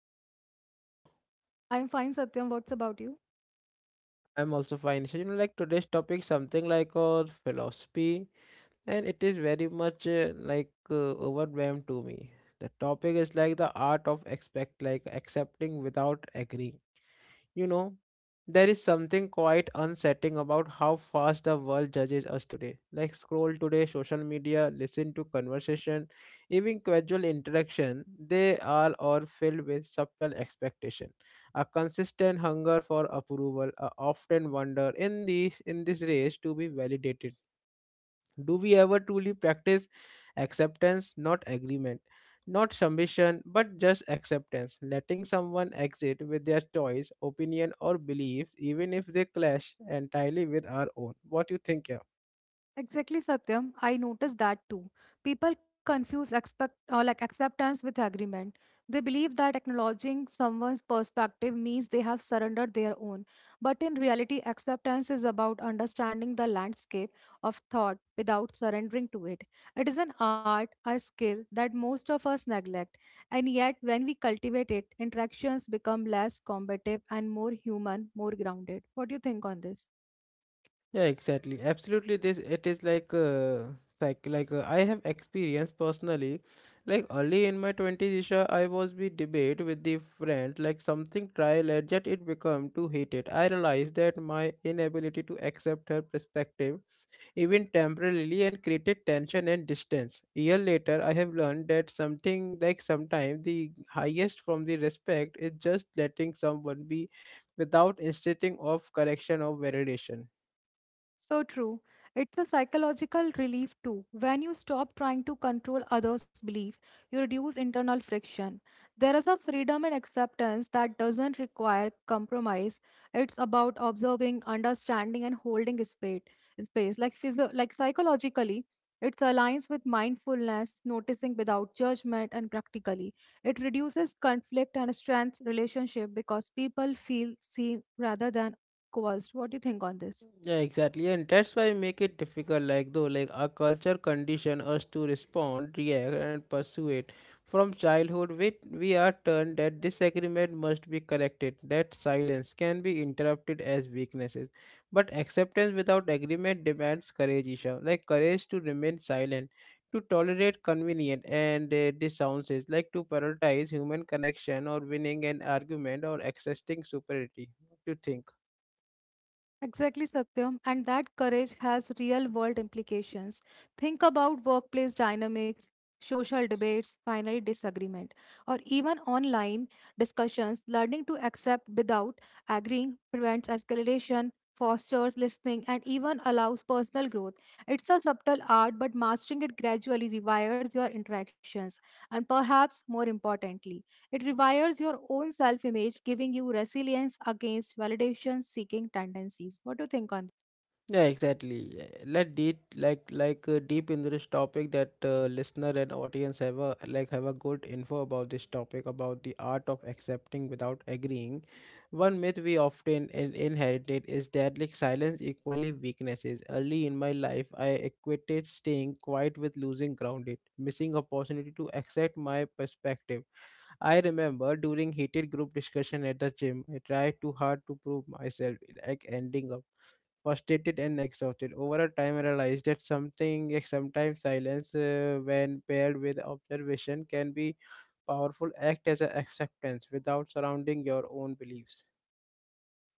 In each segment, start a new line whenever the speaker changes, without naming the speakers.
Isha. How are you Isha?
I'm fine, Satyam. What's about you?
I'm also fine. Isha. Like today's topic something like philosophy and it is very much overwhelmed to me. The topic is like the art of expect like accepting without agreeing. You know, there is something quite unsettling about how fast the world judges us today. Like scroll today, social media, listen to conversation, even casual interaction, they all are filled with subtle expectation, a consistent hunger for approval, a often wonder in these in this race to be validated, do we ever truly practice acceptance, not agreement, not submission, but just acceptance, letting someone exit with their choice, opinion, or beliefs, even if they clash entirely with our own? What you think, yeah?
Exactly, Satyam. I noticed that too. People confuse expect like acceptance with agreement. They believe that acknowledging someone's perspective means they have surrendered their own. But in reality, acceptance is about understanding the landscape of thought without surrendering to it. It is an art, a skill that most of us neglect. And yet, when we cultivate it, interactions become less combative and more human, more grounded. What do you think on this?
Yeah, exactly. Absolutely, this it is like I have experienced personally. Like early in my twenties, Isha, I was be debate with the friend like something trial, and yet it become too heated. I realized that my inability to accept her perspective even temporarily, and created tension and distance. Year later, I have learned that something like sometimes the highest from the respect is just letting someone be without insisting of correction or validation.
So true. It's a psychological relief too. When you stop trying to control others' belief, you reduce internal friction. There is a freedom and acceptance that doesn't require compromise. It's about observing, understanding, and holding space. Space like psychologically, it aligns with mindfulness, noticing without judgment, and practically, it reduces conflict and strengths relationship because people feel seen rather than coerced. What do you think on this?
Yeah, exactly, and that's why make it difficult. Like though, like our culture condition us to respond, react, and pursue it from childhood. We are taught that disagreement must be corrected, that silence can be interrupted as weaknesses, but acceptance without agreement demands courage, Isha. Like courage to remain silent, to tolerate convenient and dissounces, like to prioritize human connection or winning an argument or accessing superiority. What do you think?
Exactly, Satyam. And that courage has real world implications. Think about workplace dynamics, social debates, finally, disagreement, or even online discussions. Learning to accept without agreeing prevents escalation, fosters listening, and even allows personal growth. It's a subtle art, but mastering it gradually rewires your interactions and perhaps more importantly, it rewires your own self image, giving you resilience against validation seeking tendencies. What do you think on that?
Yeah, exactly. Let deep deep into this topic that listener and audience have a have a good info about this topic about the art of accepting without agreeing. One myth we often inherited is that like silence equally weaknesses. Early in my life, I equated staying quiet with losing grounded, missing opportunity to accept my perspective. I remember during heated group discussion at the gym, I tried too hard to prove myself, like ending up frustrated and exhausted. Over a time, I realized that something, like sometimes silence, when paired with observation, can be powerful. Act as an acceptance without surrounding your own beliefs.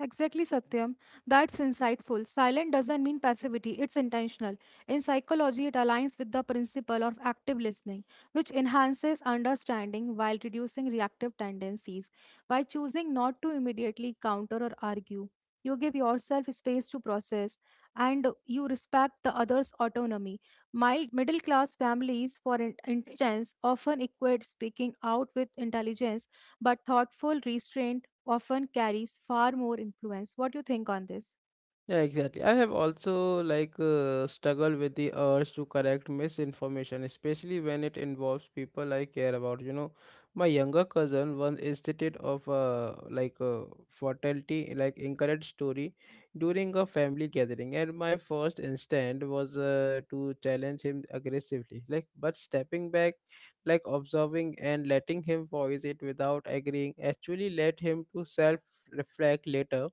Exactly, Satyam. That's insightful. Silent doesn't mean passivity, it's intentional. In psychology, it aligns with the principle of active listening, which enhances understanding while reducing reactive tendencies. By choosing not to immediately counter or argue, you give yourself space to process and you respect the other's autonomy. Mild middle class families, for instance, often equate speaking out with intelligence, but thoughtful restraint often carries far more influence. What do you think on this?
Yeah, exactly. I have also struggled with the urge to correct misinformation, especially when it involves people I care about. My younger cousin once instituted of like a fatality, like incorrect story during a family gathering, and my first instinct was to challenge him aggressively. Like, but stepping back, like observing and letting him voice it without agreeing, actually led him to self reflect later.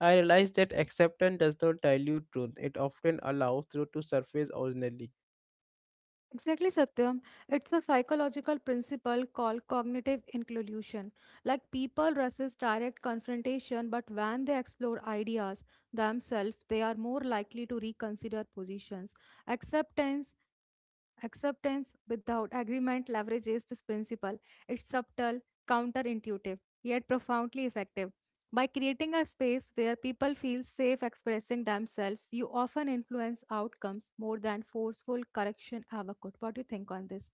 I realize that acceptance does not dilute truth, it often allows truth to surface originally.
Exactly, Satyam. It's a psychological principle called cognitive inclusion. Like people resist direct confrontation, but when they explore ideas themselves, they are more likely to reconsider positions. Acceptance Acceptance without agreement leverages this principle. It's subtle, counterintuitive, yet profoundly effective. By creating a space where people feel safe expressing themselves, you often influence outcomes more than forceful correction ever could. What do you think on this?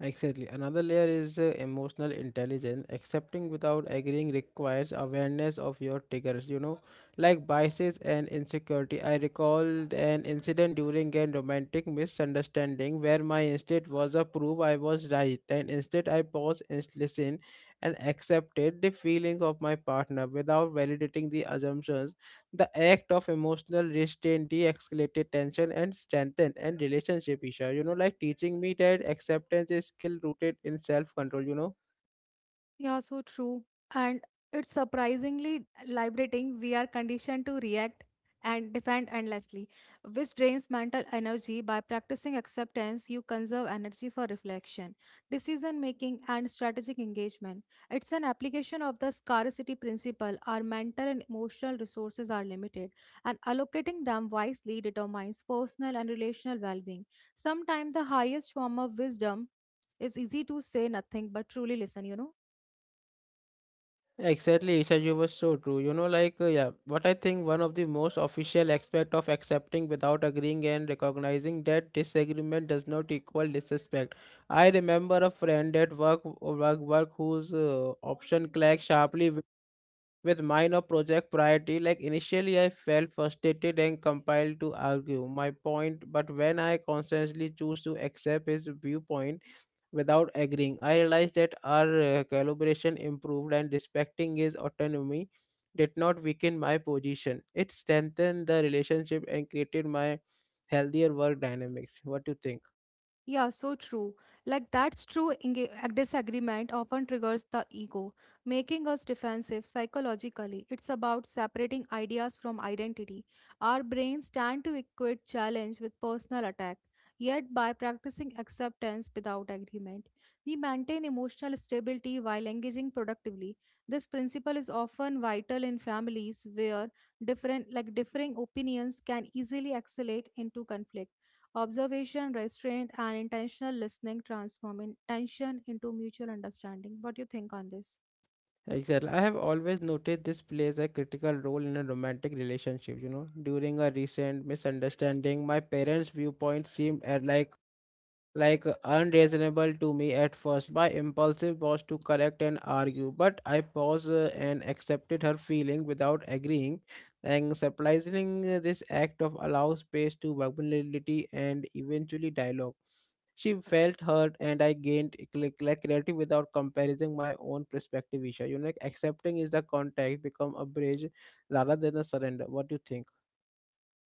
Exactly. Another layer is emotional intelligence. Accepting without agreeing requires awareness of your triggers, like biases and insecurity. I recall an incident during a romantic misunderstanding where my instinct was to prove I was right, and instead I paused and listened and accepted the feelings of my partner without validating the assumptions. The act of emotional restraint de-escalated tension and strengthened and relationship, Isha. Like teaching me that acceptance is skill rooted in self-control,
Yeah, so true. And it's surprisingly liberating. We are conditioned to react and defend endlessly, which drains mental energy. By practicing acceptance, you conserve energy for reflection, decision making, and strategic engagement. It's an application of the scarcity principle. Our mental and emotional resources are limited, and allocating them wisely determines personal and relational well being. Sometimes the highest form of wisdom is easy to say nothing but truly listen, you know.
Exactly, Isha, you were so true. Yeah, what I think one of the most official aspect of accepting without agreeing and recognizing that disagreement does not equal disrespect. I remember a friend at work whose option clashed sharply with minor project priority, like initially I felt frustrated and compelled to argue my point, but when I consciously choose to accept his viewpoint without agreeing, I realized that our collaboration improved and respecting his autonomy did not weaken my position. It strengthened the relationship and created my healthier work dynamics. What do you think?
Yeah, so true. Like that's true. Disagreement often triggers the ego, making us defensive psychologically. It's about separating ideas from identity. Our brains tend to equate challenge with personal attack. Yet, by practicing acceptance without agreement, we maintain emotional stability while engaging productively. This principle is often vital in families where different, like differing opinions can easily escalate into conflict. Observation, restraint, and intentional listening transform intention into mutual understanding. What do you think on this?
Exactly. I have always noticed this plays a critical role in a romantic relationship. You know, during a recent misunderstanding, my parents' viewpoint seemed at like unreasonable to me at first. My impulsive was to correct and argue, but I paused and accepted her feeling without agreeing. And surprisingly, this act of allow space to vulnerability and eventually dialogue. She felt hurt, and I gained clarity without comparing my own perspective. Isha, like accepting is the contact become a bridge rather than a surrender. What do you think?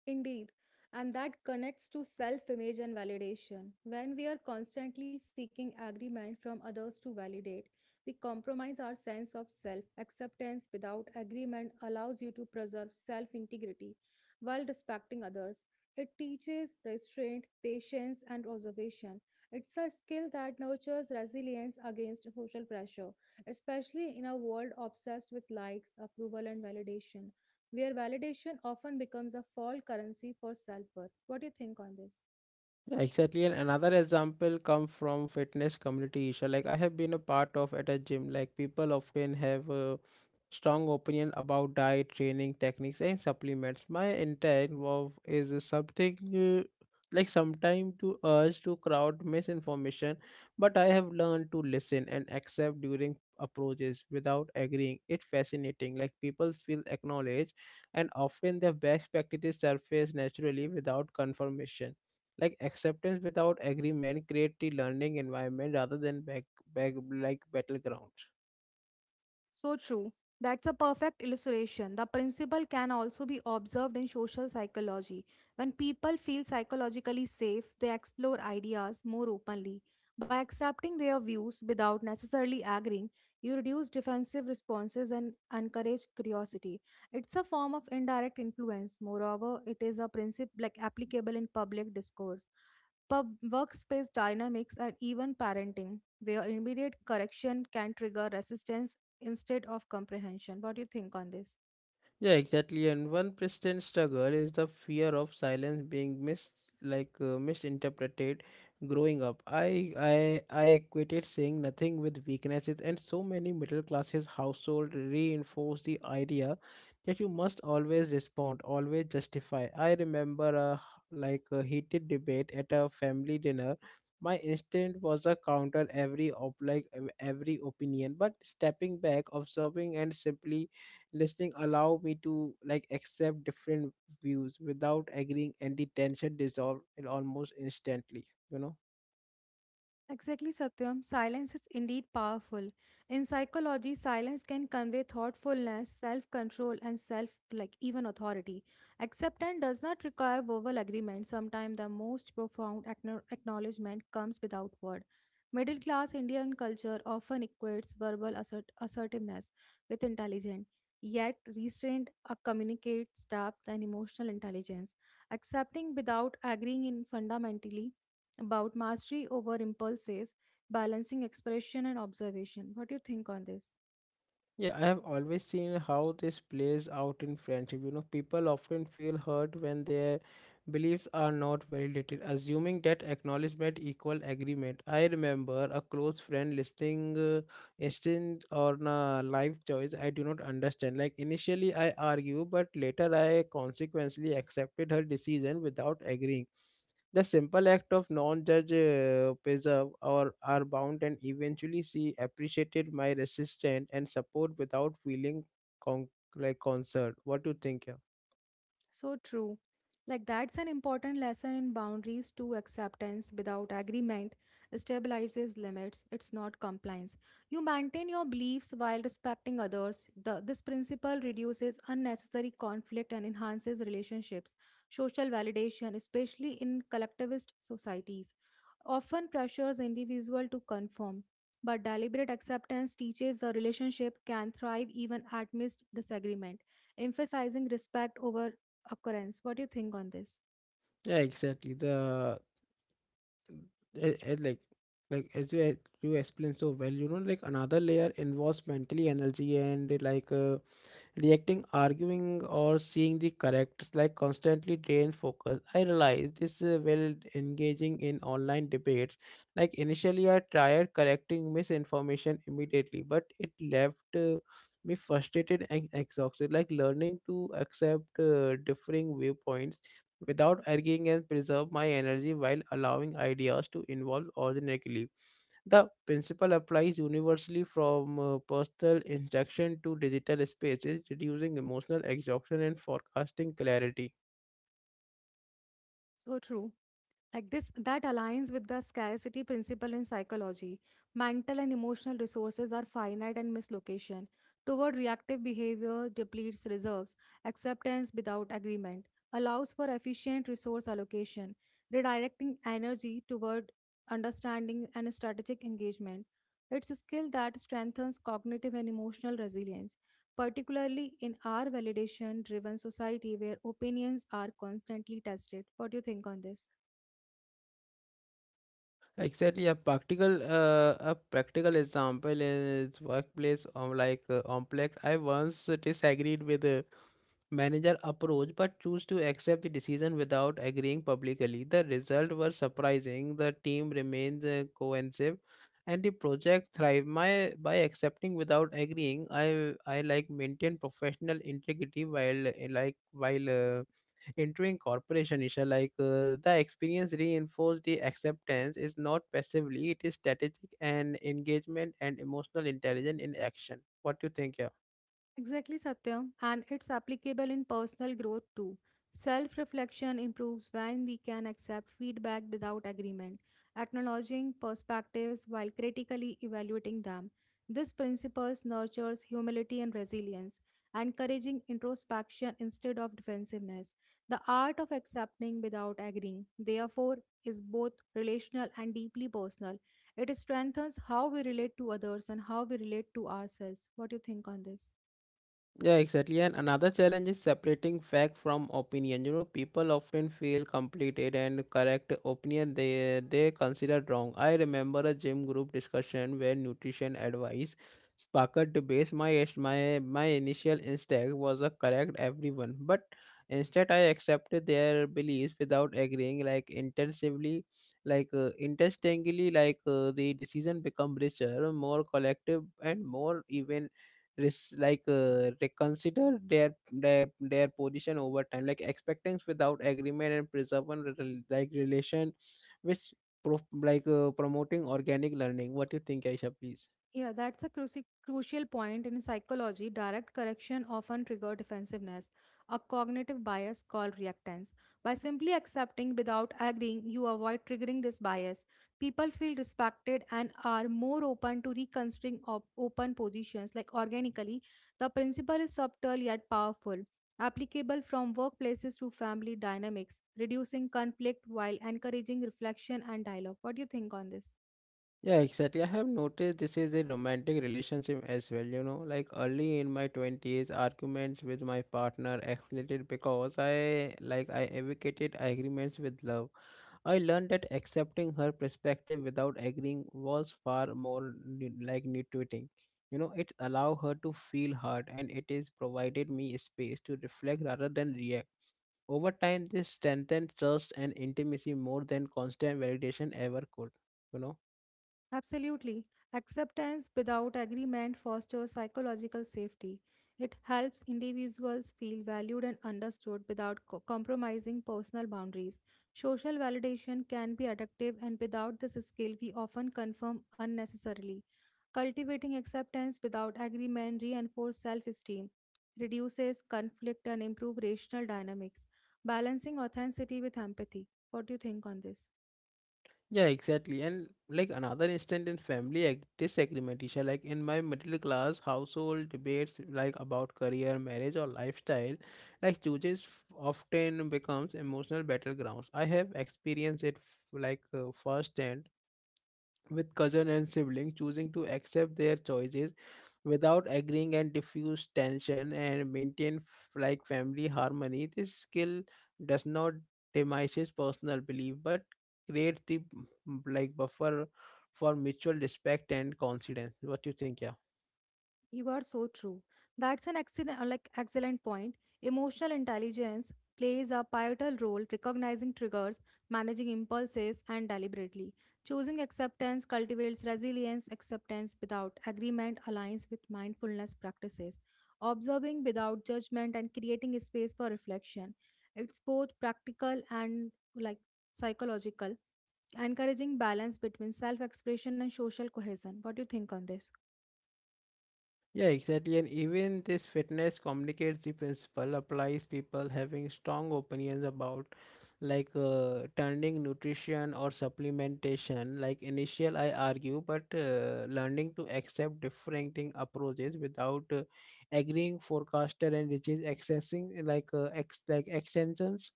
Indeed, and that connects to self image and validation. When we are constantly seeking agreement from others to validate, we compromise our sense of self. Acceptance without agreement allows you to preserve self integrity while respecting others. It teaches restraint, patience, and observation. It's a skill that nurtures resilience against social pressure, especially in a world obsessed with likes, approval, and validation where validation often becomes a false currency for self worth. What do you think on this?
Yeah, exactly. And another example come from fitness community issue. Like I have been a part of at a gym. Like people often have a strong opinion about diet, training techniques, and supplements. My intent was is something uh, like sometime to urge to crowd misinformation, but I have learned to listen and accept during approaches without agreeing. It's fascinating. Like people feel acknowledged, and often their best practices surface naturally without confirmation, like acceptance without agreement create the learning environment rather than back back like battlegrounds.
So true. That's a perfect illustration. The principle can also be observed in social psychology. When people feel psychologically safe, they explore ideas more openly. By accepting their views without necessarily agreeing, you reduce defensive responses and encourage curiosity. It's a form of indirect influence. Moreover, it is a principle like applicable in public discourse, pub workspace dynamics, and even parenting where immediate correction can trigger resistance instead of comprehension. What do you think on this?
Yeah, exactly. And one persistent struggle is the fear of silence being misinterpreted. Growing up, I equated saying nothing with weaknesses, and so many middle classes household reinforce the idea that you must always respond, always justify. I remember a h- like a heated debate at a family dinner. My instinct was a counter every op like ev- every opinion, but stepping back, observing, and simply listening allow me to like accept different views without agreeing, and the tension dissolve it almost instantly, you know
Exactly, Satyam. Silence is indeed powerful. In psychology, silence can convey thoughtfulness, self-control, and self like even authority. Acceptance does not require verbal agreement. Sometimes the most profound acknowledgement comes without word. Middle class Indian culture often equates verbal assertiveness with intelligence, yet restraint communicates depth and emotional intelligence. Accepting without agreeing in fundamentally about mastery over impulses, balancing expression and observation. What do you think on this?
Yeah, I have always seen how this plays out in friendship. You know, people often feel hurt when their beliefs are not validated, assuming that acknowledgement equal agreement. I remember a close friend listing instance on a life choice I do not understand. Like initially I argue, but later I consequently accepted her decision without agreeing. The simple act of non-judge preserve or are bound and eventually she appreciated my resistance and support without feeling con- concerned. What do you think? Yeah,
So true. Like that's an important lesson in boundaries to acceptance without agreement stabilizes limits. It's not compliance. You maintain your beliefs while respecting others. This principle reduces unnecessary conflict and enhances relationships, social validation, especially in collectivist societies. Often pressures individual to conform, but deliberate acceptance teaches a relationship can thrive even amidst disagreement, emphasizing respect over occurrence. What do you think on this?
yeah, exactly. The a- a- like as you explained so well, like another layer involves mentally energy and reacting, arguing, or seeing the correct like constantly drain focus. I realize this while engaging in online debates. Like initially, I tried correcting misinformation immediately, but it left me frustrated and exhausted. Like learning to accept differing viewpoints without arguing and preserve my energy while allowing ideas to evolve organically. The principle applies universally from personal interaction to digital spaces, reducing emotional exhaustion and forecasting clarity.
So true. Like this, that aligns with the scarcity principle in psychology. Mental and emotional resources are finite and mislocation. Toward reactive behavior depletes reserves. Acceptance without agreement allows for efficient resource allocation, redirecting energy toward understanding and strategic engagement. It's a skill that strengthens cognitive and emotional resilience, particularly in our validation driven society where opinions are constantly tested. What do you think on this?
Exactly, a practical example is workplace Omplex. I once disagreed with the manager approach, but choose to accept the decision without agreeing publicly. The result were surprising. The team remains cohesive, and the project thrived. My by accepting without agreeing, I maintain professional integrity while entering corporation, Isha, the experience reinforced the acceptance is not passively, it is strategic and engagement and emotional intelligence in action. What do you think? Yeah.
Exactly, Satyam, and it's applicable in personal growth too. Self reflection improves when we can accept feedback without agreement, acknowledging perspectives while critically evaluating them. This principle nurtures humility and resilience, encouraging introspection instead of defensiveness. The art of accepting without agreeing, therefore, is both relational and deeply personal. It strengthens how we relate to others and how we relate to ourselves. What do you think on this?
Yeah, exactly. And another challenge is separating fact from opinion. You know, people often feel completed and correct opinion they consider wrong. I remember a gym group discussion where nutrition advice sparked debates. My initial instinct was a correct everyone, but instead I accepted their beliefs without agreeing. Like intensively, like interestingly, the decision become richer, more collective, and more even reconsider their position over time, like expectations without agreement and preserving relation, which promoting organic learning. What do you think, Aisha, please?
Yeah, that's a crucial point in psychology. Direct correction often triggers defensiveness, a cognitive bias called reactance. By simply accepting without agreeing, you avoid triggering this bias. People feel respected and are more open to reconsidering open positions like organically. The principle is subtle yet powerful, applicable from workplaces to family dynamics, reducing conflict while encouraging reflection and dialogue. What do you think on this?
Yeah, exactly. I have noticed this is a romantic relationship as well. You know, like early in my 20s, arguments with my partner escalated because I, like, I advocated agreements with love. I learned that accepting her perspective without agreeing was far more nitwitting. You know, it allowed her to feel hurt and it is provided me space to reflect rather than react. Over time, this strengthened trust and intimacy more than constant validation ever could. You know?
Absolutely. Acceptance without agreement fosters psychological safety. It helps individuals feel valued and understood without compromising personal boundaries. Social validation can be addictive, and without this skill, we often confirm unnecessarily. Cultivating acceptance without agreement reinforces self esteem, reduces conflict, and improves rational dynamics, balancing authenticity with empathy. What do you think on this?
Yeah, exactly. And like another instance in disagreement, Isha, like in my middle class household, debates like about career, marriage, or lifestyle, like often becomes emotional battlegrounds. I have experienced it firsthand with cousin and sibling choosing to accept their choices without agreeing and diffuse tension and maintain family harmony. This skill does not diminishes personal belief but create the buffer for mutual respect and confidence. What do you think? Yeah.
You are so true. That's an excellent point. Emotional intelligence plays a pivotal role recognizing triggers, managing impulses, and deliberately choosing acceptance cultivates resilience. Acceptance without agreement aligns with mindfulness practices, observing without judgment, and creating a space for reflection. It's both practical and psychological, encouraging balance between self-expression and social cohesion. What do you think on this?
Yeah, exactly. And even this fitness communicates the principle applies people having strong opinions about turning nutrition or supplementation. Like initial, I argue, but learning to accept differing approaches without agreeing forecaster and which is accessing like extensions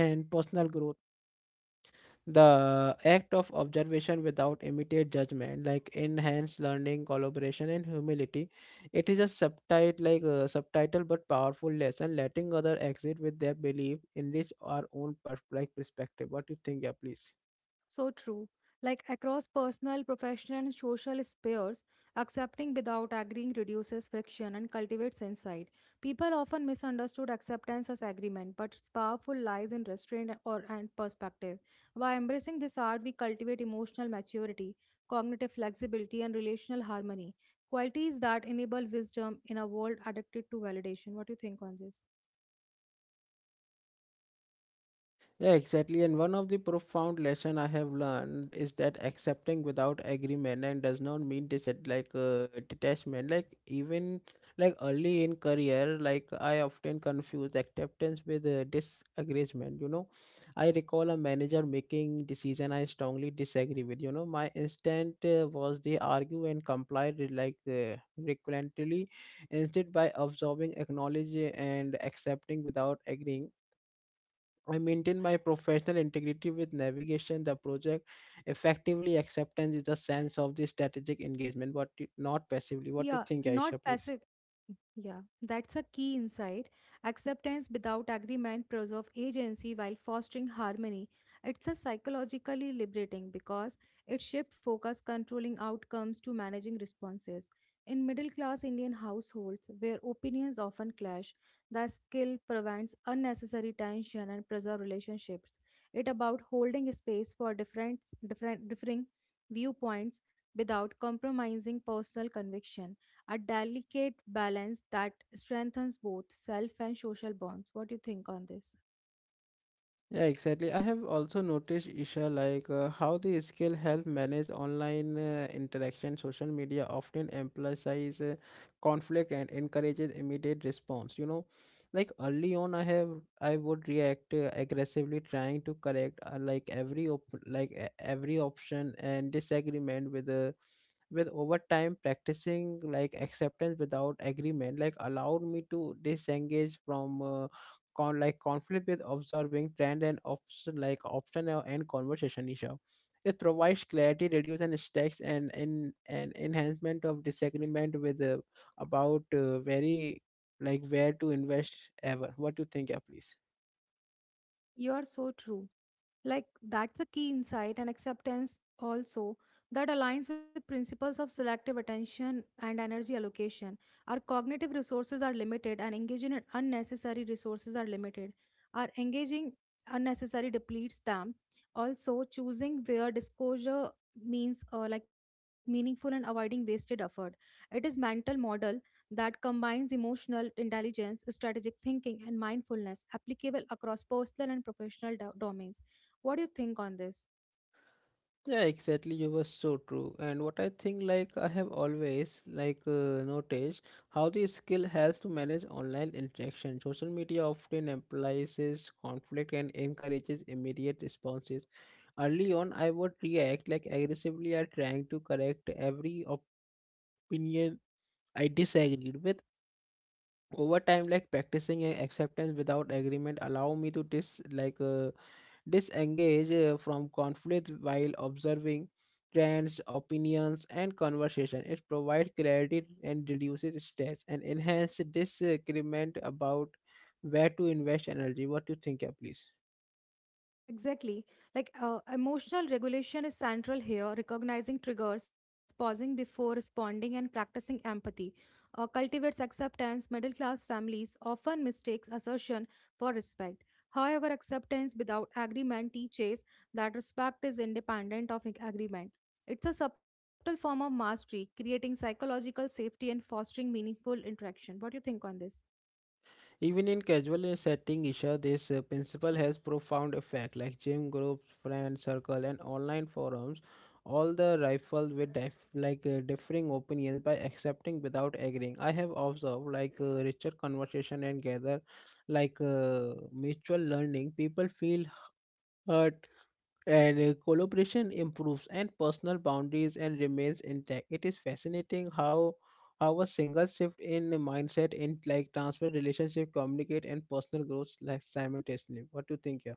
and personal growth. The act of observation without immediate judgment, like enhanced learning, collaboration, and humility, it is a subtitle, but powerful lesson, letting other exit with their belief, enrich our own perspective. What do you think? Yeah, please.
So true. Like across personal, professional, and social spheres, accepting without agreeing reduces friction and cultivates insight. People often misunderstood acceptance as agreement, but its powerful lies in restraint or and perspective. By embracing this art, we cultivate emotional maturity, cognitive flexibility, and relational harmony. Qualities that enable wisdom in a world addicted to validation. What do you think on this?
Yeah, exactly. And one of the profound lesson I have learned is that accepting without agreement and does not mean detachment. Like even like early in career, like I often confuse acceptance with disagreement. You know, I recall a manager making decision I strongly disagree with. You know, my instinct was they argue and complied with, recurrently instead by absorbing, acknowledging, and accepting without agreeing, I maintain my professional integrity with navigation, the project effectively. Acceptance is a sense of the strategic engagement, but not passively. What
Yeah,
do you think,
not
Aisha, please?
passive. Yeah, that's a key insight. Acceptance without agreement preserve agency while fostering harmony. It's a psychologically liberating because it shifts focus controlling outcomes to managing responses. In middle class Indian households where opinions often clash, the skill prevents unnecessary tension and preserve relationships. It about holding space for different differing viewpoints without compromising personal conviction, a delicate balance that strengthens both self and social bonds. What do you think on this?
Yeah, exactly. I have also noticed, Isha, how the skill help manage online interaction. Social media often emphasizes conflict and encourages immediate response. You know, like early on, I would react aggressively, trying to correct like every op- like e- every option and disagreement with. Over time practicing like acceptance without agreement like allowed me to disengage from conflict with observing trend and option and conversation issue. It provides clarity, reduce and stacks and in an enhancement of disagreement with about very like where to invest ever. What do you think, yeah, please?
You are so true. Like, that's a key insight and acceptance also that aligns with principles of selective attention and energy allocation. Our cognitive resources are limited, and engaging in unnecessary resources are limited. Our engaging unnecessary depletes them. Also, choosing where disclosure means like meaningful and avoiding wasted effort. It is mental model that combines emotional intelligence, strategic thinking, and mindfulness applicable across personal and professional domains. What do you think on this?
Yeah, exactly. You were so true. And what I think, like I have always noticed how the skill helps to manage online interaction. Social media often emphasizes conflict and encourages immediate responses. Early on, I would react like aggressively or trying to correct every opinion I disagreed with. Over time, like practicing acceptance without agreement allow me to dis like. Disengage from conflict while observing trends, opinions, and conversation. It provides clarity and reduces stress and enhances disagreement about where to invest energy. What do you think, yeah, please?
Exactly. Emotional regulation is central here. Recognizing triggers, pausing before responding, and practicing empathy cultivates acceptance. Middle class families often mistakes assertion for respect. However, acceptance without agreement teaches that respect is independent of agreement. It's a subtle form of mastery, creating psychological safety and fostering meaningful interaction. What do you think on this?
Even in casual setting, Isha, this principle has profound effect. Like gym groups, friend circle, and online forums, all the rifle with differing opinions by accepting without agreeing. I have observed richer conversation and gather mutual learning. People feel heard and collaboration improves and personal boundaries and remains intact. It is fascinating how a single shift in the mindset in like transfer relationship communicate and personal growth like simultaneously. What do you think here?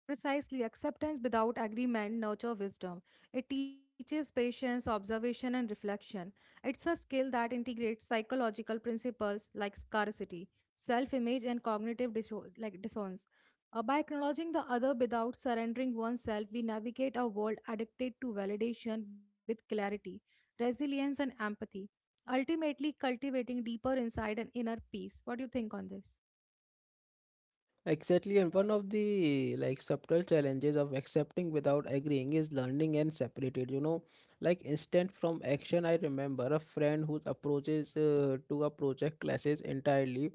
Precisely, acceptance without agreement nurture wisdom. It teaches patience, observation, and reflection. It's a skill that integrates psychological principles like scarcity, self-image, and cognitive dissonance. By acknowledging the other without surrendering oneself, we navigate a world addicted to validation with clarity, resilience, and empathy. Ultimately, cultivating deeper insight and inner peace. What do you think on this?
Exactly, and one of the like subtle challenges of accepting without agreeing is learning and separated. You know, like instant from action. I remember a friend who approaches to a project classes entirely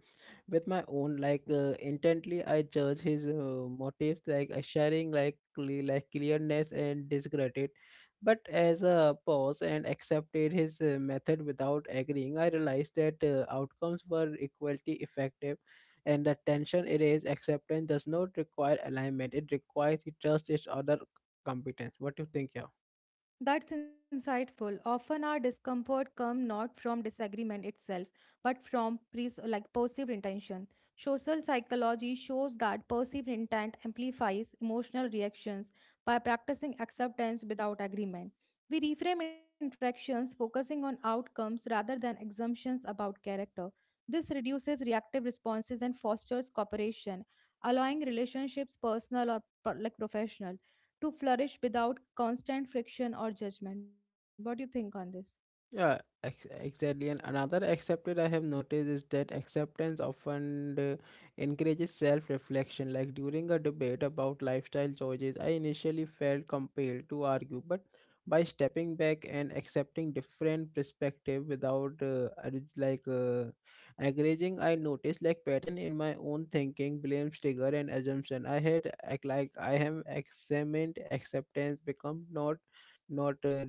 with my own. Intently, I judge his motives, sharing, like clearness and discredit. But as a pause and accepted his method without agreeing, I realized that outcomes were equally effective and the tension. It is acceptance does not require alignment, it requires the trust is other competence. What do you think, yeah?
That's insightful. Often our discomfort comes not from disagreement itself, but from perceived intention. Social psychology shows that perceived intent amplifies emotional reactions by practicing acceptance without agreement. We reframe interactions focusing on outcomes rather than assumptions about character. This reduces reactive responses and fosters cooperation, allowing relationships personal or professional to flourish without constant friction or judgment. What do you think on this?
Yeah, exactly. And another accepted I have noticed is that acceptance often encourages self reflection. Like during a debate about lifestyle choices, I initially felt compelled to argue, but by stepping back and accepting different perspective without aggravating, I noticed like pattern in my own thinking, blame, trigger, and assumption. I had act like I have examined acceptance become not not uh,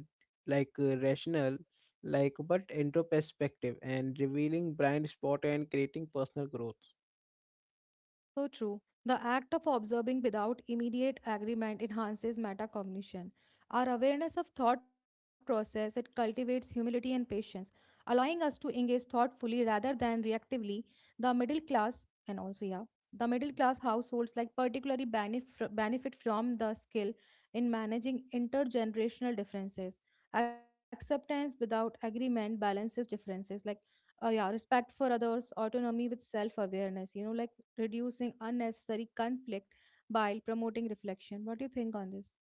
like uh, rational like but into perspective and revealing blind spot and creating personal growth.
So true. The act of observing without immediate agreement enhances metacognition. Our awareness of thought process it cultivates humility and patience, allowing us to engage thoughtfully rather than reactively. The middle class and also yeah, the middle class households like benefit from the skill in managing intergenerational differences. Acceptance without agreement balances differences like yeah, respect for others autonomy with self awareness, you know, like reducing unnecessary conflict by promoting reflection. What do you think on this?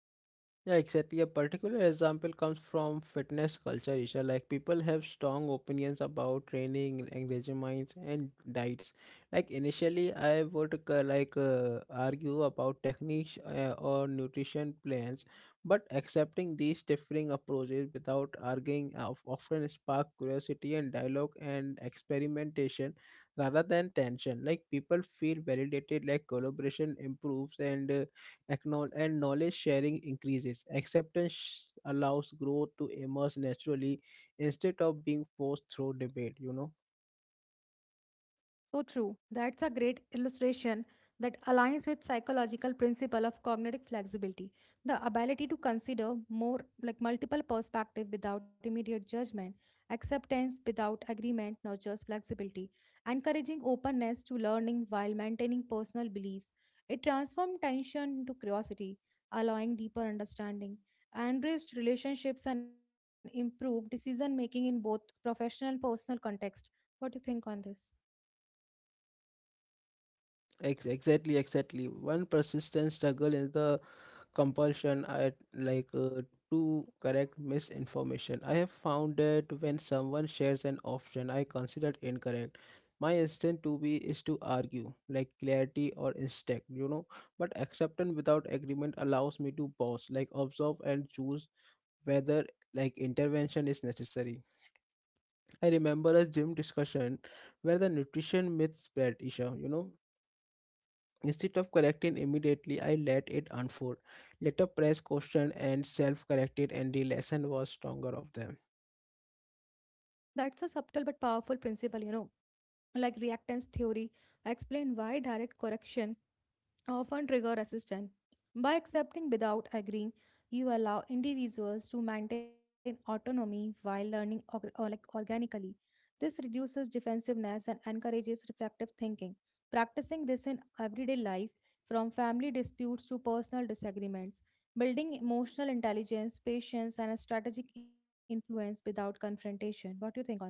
Yeah, exactly. A particular example comes from fitness culture, Isha. Like people have strong opinions about training, engagements, and diets. Like initially, I would argue about techniques or nutrition plans, but accepting these differing approaches without arguing often spark curiosity and dialogue and experimentation rather than tension. Like people feel validated, like collaboration improves and knowledge sharing increases. Allows growth to emerge naturally instead of being forced through debate, you know.
So true. That's a great illustration that aligns with psychological principle of cognitive flexibility, the ability to consider more like multiple perspective without immediate judgment. Acceptance without agreement nurtures flexibility, encouraging openness to learning while maintaining personal beliefs. It transforms tension into curiosity, allowing deeper understanding, enriched relationships and improved decision making in both professional and personal context. What do you think on this?
Exactly. One persistent struggle is the compulsion at like to correct misinformation. I have found that when someone shares an option I consider incorrect, my instinct to be is to argue, like clarity or instinct, you know. But acceptance without agreement allows me to pause, like observe and choose whether like intervention is necessary. I remember a gym discussion where the nutrition myth spread, Isha, you know. Instead of correcting immediately, I let it unfold. Later press question and self-corrected and the lesson was stronger of them.
That's a subtle but powerful principle, you know, like reactance theory, explain why direct correction often trigger resistance. By accepting without agreeing, you allow individuals to maintain autonomy while learning org- or like organically. This reduces defensiveness and encourages reflective thinking. Practicing this in everyday life, from family disputes to personal disagreements, building emotional intelligence, patience, and a strategic influence without confrontation. What do you think on this?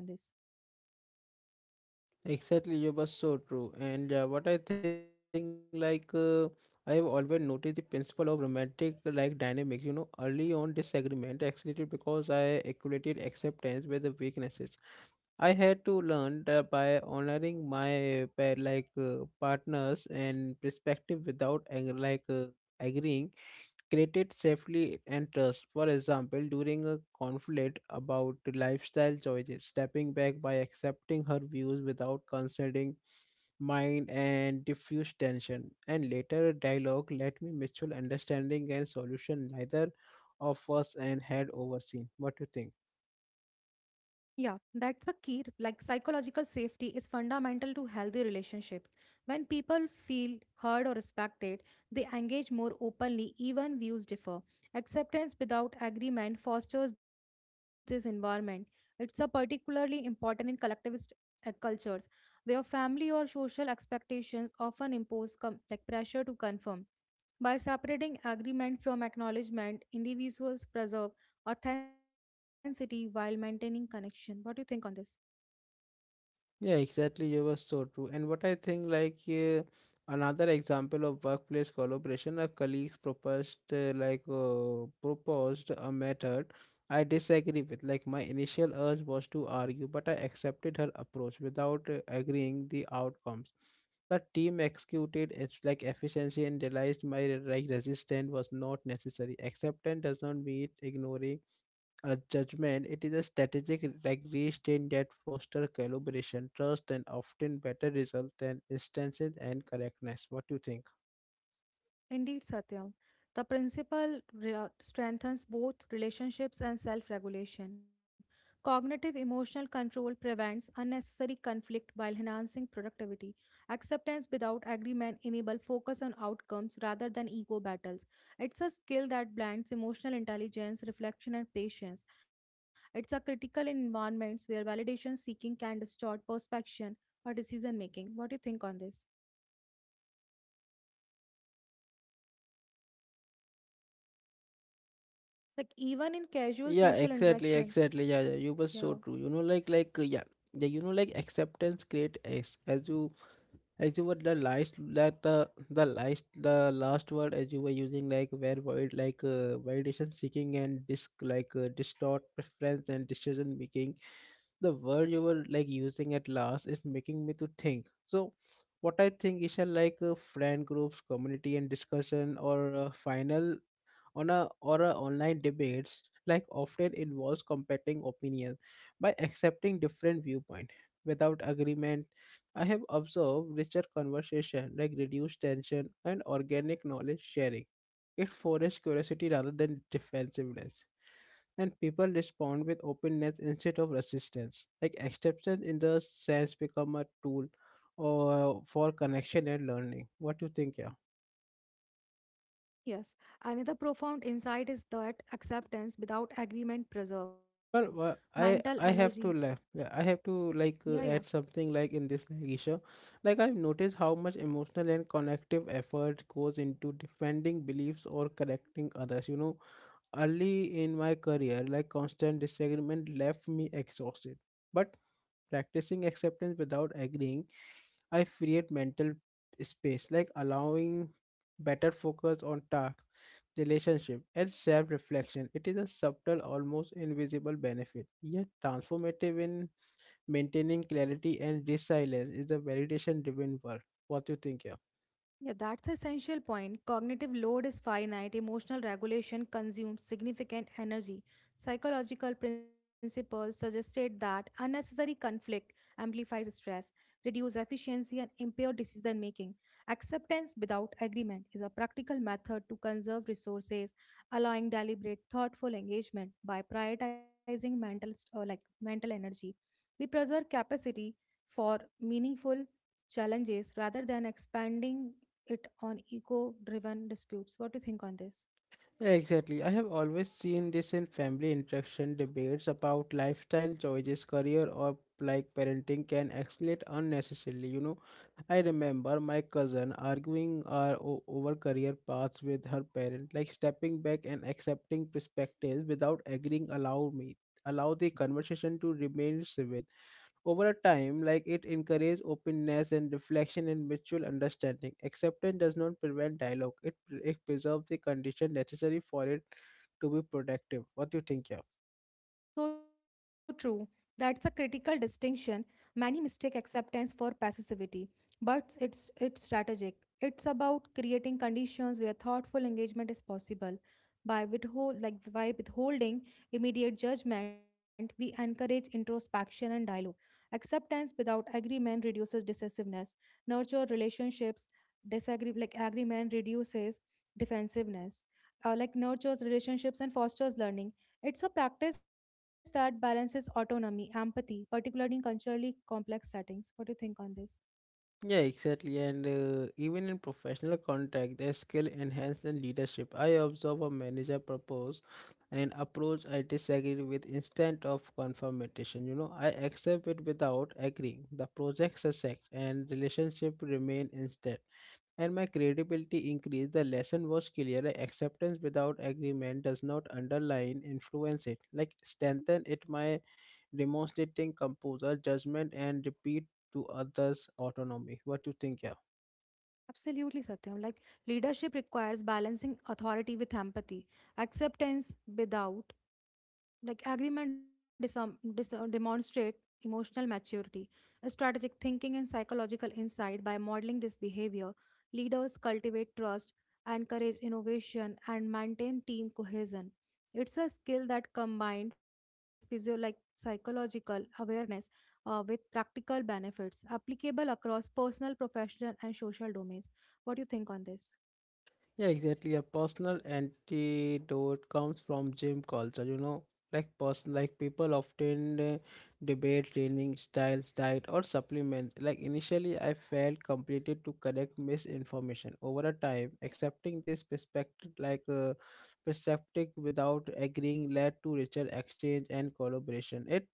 Exactly, you were so true. And what I think I have always noticed the principle of romantic like dynamics. You know, early on disagreement escalated because I equated acceptance with the weaknesses. I had to learn that by honoring my partners and perspective without agreeing created safely and trust. For example, during a conflict about lifestyle choices, stepping back by accepting her views without considering mine and diffuse tension, and later dialogue let me mutual understanding and solution neither of us and had overseen. What do you think?
Yeah, that's the key. Like psychological safety is fundamental to healthy relationships. When people feel heard or respected, they engage more openly, even views differ. Acceptance without agreement fosters this environment. It's a particularly important in collectivist cultures, where family or social expectations often impose com- like pressure to conform. By separating agreement from acknowledgement, individuals preserve authenticity while maintaining connection. What do you think on this?
Yeah, exactly. You were so true. And what I think, another example of workplace collaboration, a colleague proposed, proposed a method I disagree with. Like my initial urge was to argue, but I accepted her approach without agreeing the outcomes. The team executed its like efficiency and realized my like resistance was not necessary. Acceptance does not mean ignoring a judgment, it is a strategic like regulation that foster collaboration, trust, and often better results than instances and correctness. What do you think?
Indeed, Satyam. The strengthens both relationships and self regulation. Cognitive emotional control prevents unnecessary conflict while enhancing productivity. Acceptance without agreement enables focus on outcomes rather than ego battles. It's a skill that blends emotional intelligence, reflection, and patience. It's a critical in environments where validation seeking can distort perception or decision making. What do you think on this? Like even in casual
Yeah,
social
exactly,
interaction.
exactly. Yeah,
Yeah.
yeah, you were so true. You know, like. You know, like, acceptance create as you were the last that the last word as you were using like where void like validation seeking and disc like distort preference and decision making. The word you were like using at last is making me to think so. What I think is a like a friend groups community and discussion or a final on a or a online debates like often involves competing opinions. By accepting different viewpoint without agreement, I have observed richer conversation, like reduced tension and organic knowledge sharing. It fosters curiosity rather than defensiveness, and people respond with openness instead of resistance. Like acceptance in the sense become a tool or for connection and learning. What do you think, yeah?
Yes. Another profound insight is that acceptance without agreement preserve
Well,
mental
well, I
energy.
I have to like
Yeah, yeah.
add something like in this like, issue. Like I've noticed how much emotional and connective effort goes into defending beliefs or correcting others. You know, early in my career, like constant disagreement left me exhausted. But practicing acceptance without agreeing, I create mental space, like allowing better focus on tasks, relationship, and self-reflection. It is a subtle, almost invisible benefit, yet transformative in maintaining clarity and resilience is a validation-driven world. What do you think, yeah?
Yeah, that's essential point. Cognitive load is finite, emotional regulation consumes significant energy. Psychological principles suggested that unnecessary conflict amplifies stress, reduces efficiency, and impairs decision making. Acceptance without agreement is a practical method to conserve resources, allowing deliberate, thoughtful engagement by prioritizing mental st- or like mental energy. We preserve capacity for meaningful challenges rather than expanding it on ego driven disputes. What do you think on this?
Yeah, exactly. I have always seen this in family interaction debates about lifestyle choices, career, or like parenting can escalate unnecessarily. You know, I remember my cousin arguing our over career paths with her parent, like stepping back and accepting perspectives without agreeing. Allow the conversation to remain civil over a time, like it encourages openness and reflection and mutual understanding. Acceptance does not prevent dialogue; it preserves the condition necessary for it to be productive. What do you think, yeah?
So true. That's a critical distinction. Many mistake acceptance for passivity, but it's strategic. It's about creating conditions where thoughtful engagement is possible. By withholding immediate judgment, we encourage introspection and dialogue. Acceptance without agreement reduces decisiveness. Nurture relationships, disagree like agreement reduces defensiveness. Nurtures relationships and fosters learning. It's a practice that balances autonomy, empathy, particularly in culturally complex settings. What do you think on this?
Yeah, exactly. And even in professional context, there's skill enhancement leadership. I observe a manager propose an approach I disagree with instead of confirmation. You know, I accept it without agreeing. The project succeeds, and relationship remain instead, and my credibility increased. The lesson was clear. Acceptance without agreement does not underline, influence it. Like strengthen it my demonstrating composure, judgment, and repeat to others autonomy. What do you think, yeah?
Absolutely, Satyam. Like leadership requires balancing authority with empathy, acceptance without like agreement demonstrate emotional maturity, strategic thinking, and psychological insight by modeling this behavior. Leaders cultivate trust, encourage innovation, and maintain team cohesion. It's a skill that combined physio like psychological awareness with practical benefits applicable across personal, professional, and social domains. What do you think on this?
Yeah, exactly. A personal antidote comes from gym culture, you know. Like people often debate training styles, diet, or supplement. Like initially, I felt completed to correct misinformation. Over a time, accepting this perspective, without agreeing, led to richer exchange and collaboration. It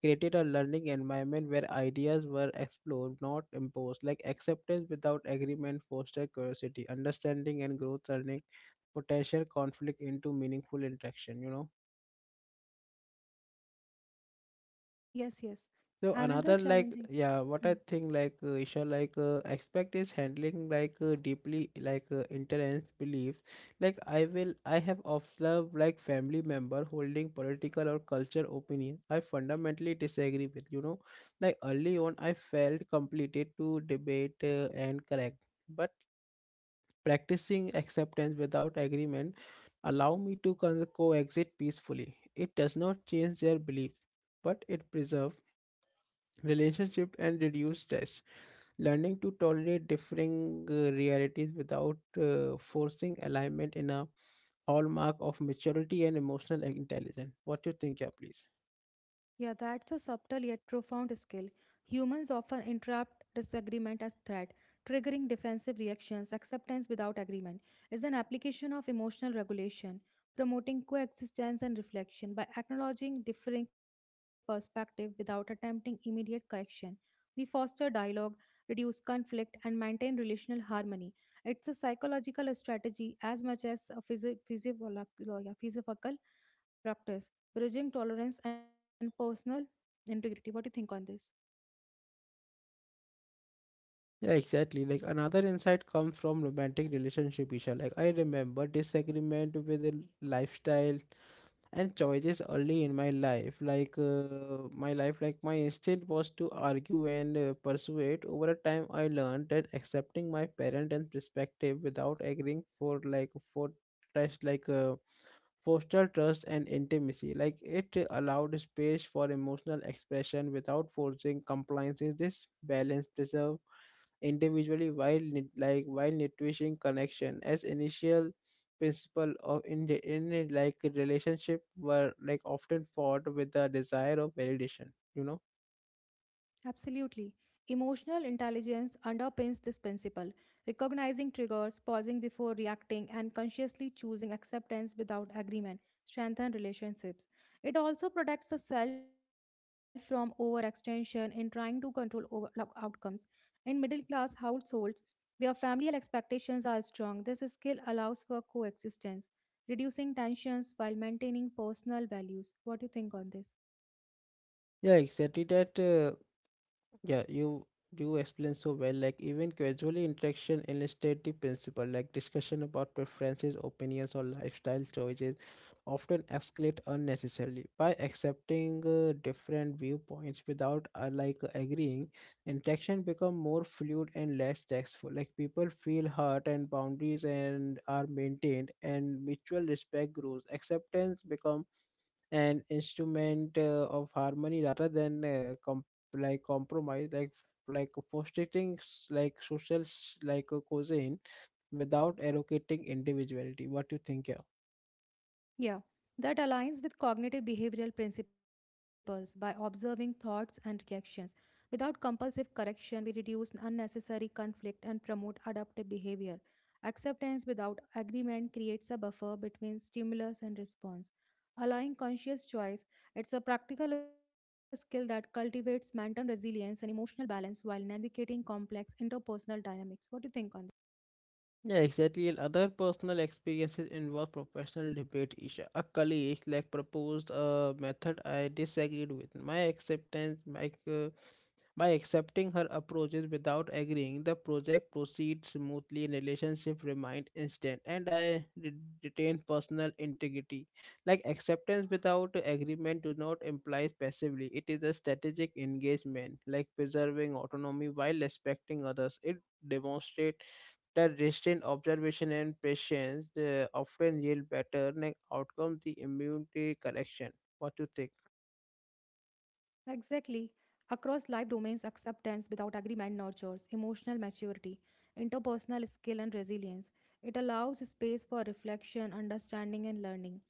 created a learning environment where ideas were explored, not imposed. Like acceptance without agreement fostered curiosity, understanding, and growth, turning potential conflict into meaningful interaction. You know.
Yes, yes.
So
Another
another like
challenging.
yeah, what I
Hmm.
think Isha expect is handling deeply intense beliefs. Like I have observed like family member holding political or culture opinion I fundamentally disagree with, you know. Like early on, I felt completed to debate and correct, but practicing acceptance without agreement allow me to coexist peacefully. It does not change their belief, but it preserves relationship and reduce stress learning to tolerate differing realities without forcing alignment in a hallmark of maturity and emotional intelligence. What do you think? Yeah, please.
Yeah, that's a subtle yet profound skill. Humans often interrupt disagreement as threat, triggering defensive reactions. Acceptance without agreement is an application of emotional regulation, promoting coexistence and reflection by acknowledging differing perspective without attempting immediate correction. We foster dialogue, reduce conflict, and maintain relational harmony. It's a psychological strategy as much as a physiological practice bridging tolerance and personal integrity. What do you think on this?
Yeah, exactly. Like another insight comes from romantic relationship, Isha. Like I remember disagreement with the lifestyle and choices early in my life. My life, like my instinct was to argue and persuade. Over a time, I learned that accepting my parent and perspective without agreeing for trust, foster trust and intimacy. Like it allowed space for emotional expression without forcing compliances. This balance preserve individually while like while nutrishing connection as initial principle of in a, like relationship were like often fought with the desire of validation, you know.
Absolutely. Emotional intelligence underpins this principle. Recognizing triggers, pausing before reacting, and consciously choosing acceptance without agreement strengthen relationships. It also protects the self from overextension in trying to control over outcomes. In middle class households, where familial expectations are strong, this skill allows for coexistence, reducing tensions while maintaining personal values. What do you think on this?
Yeah exactly that uh, Yeah, you explain so well. Like even casually interaction illustrate the principle. Like discussion about preferences, opinions, or lifestyle choices often escalate unnecessarily. By accepting different viewpoints without like agreeing, interaction become more fluid and less tactful. Like people feel hurt, and boundaries and are maintained, and mutual respect grows. Acceptance become an instrument of harmony rather than like compromise like frustrating like social like a cuisine without allocating individuality. What you think? Yeah.
Yeah, that aligns with cognitive behavioral principles by observing thoughts and reactions. Without compulsive correction, we reduce unnecessary conflict and promote adaptive behavior. Acceptance without agreement creates a buffer between stimulus and response. Allowing conscious choice, it's a practical skill that cultivates mental resilience and emotional balance while navigating complex interpersonal dynamics. What do you think on?
Yeah, exactly. And other personal experiences involve professional debate. Isha. A colleague like proposed a method I disagreed with. My acceptance, my, by accepting her approaches without agreeing, the project proceeds smoothly, and relationship remained instant, and I retain personal integrity. Like acceptance without agreement do not imply passively. It is a strategic engagement, like preserving autonomy while respecting others. It demonstrates the restraint, observation, and patience often yield better like outcomes the immunity correction. What do you think?
Exactly. Across life domains, acceptance without agreement nurtures emotional maturity, interpersonal skill, and resilience. It allows space for reflection, understanding, and learning.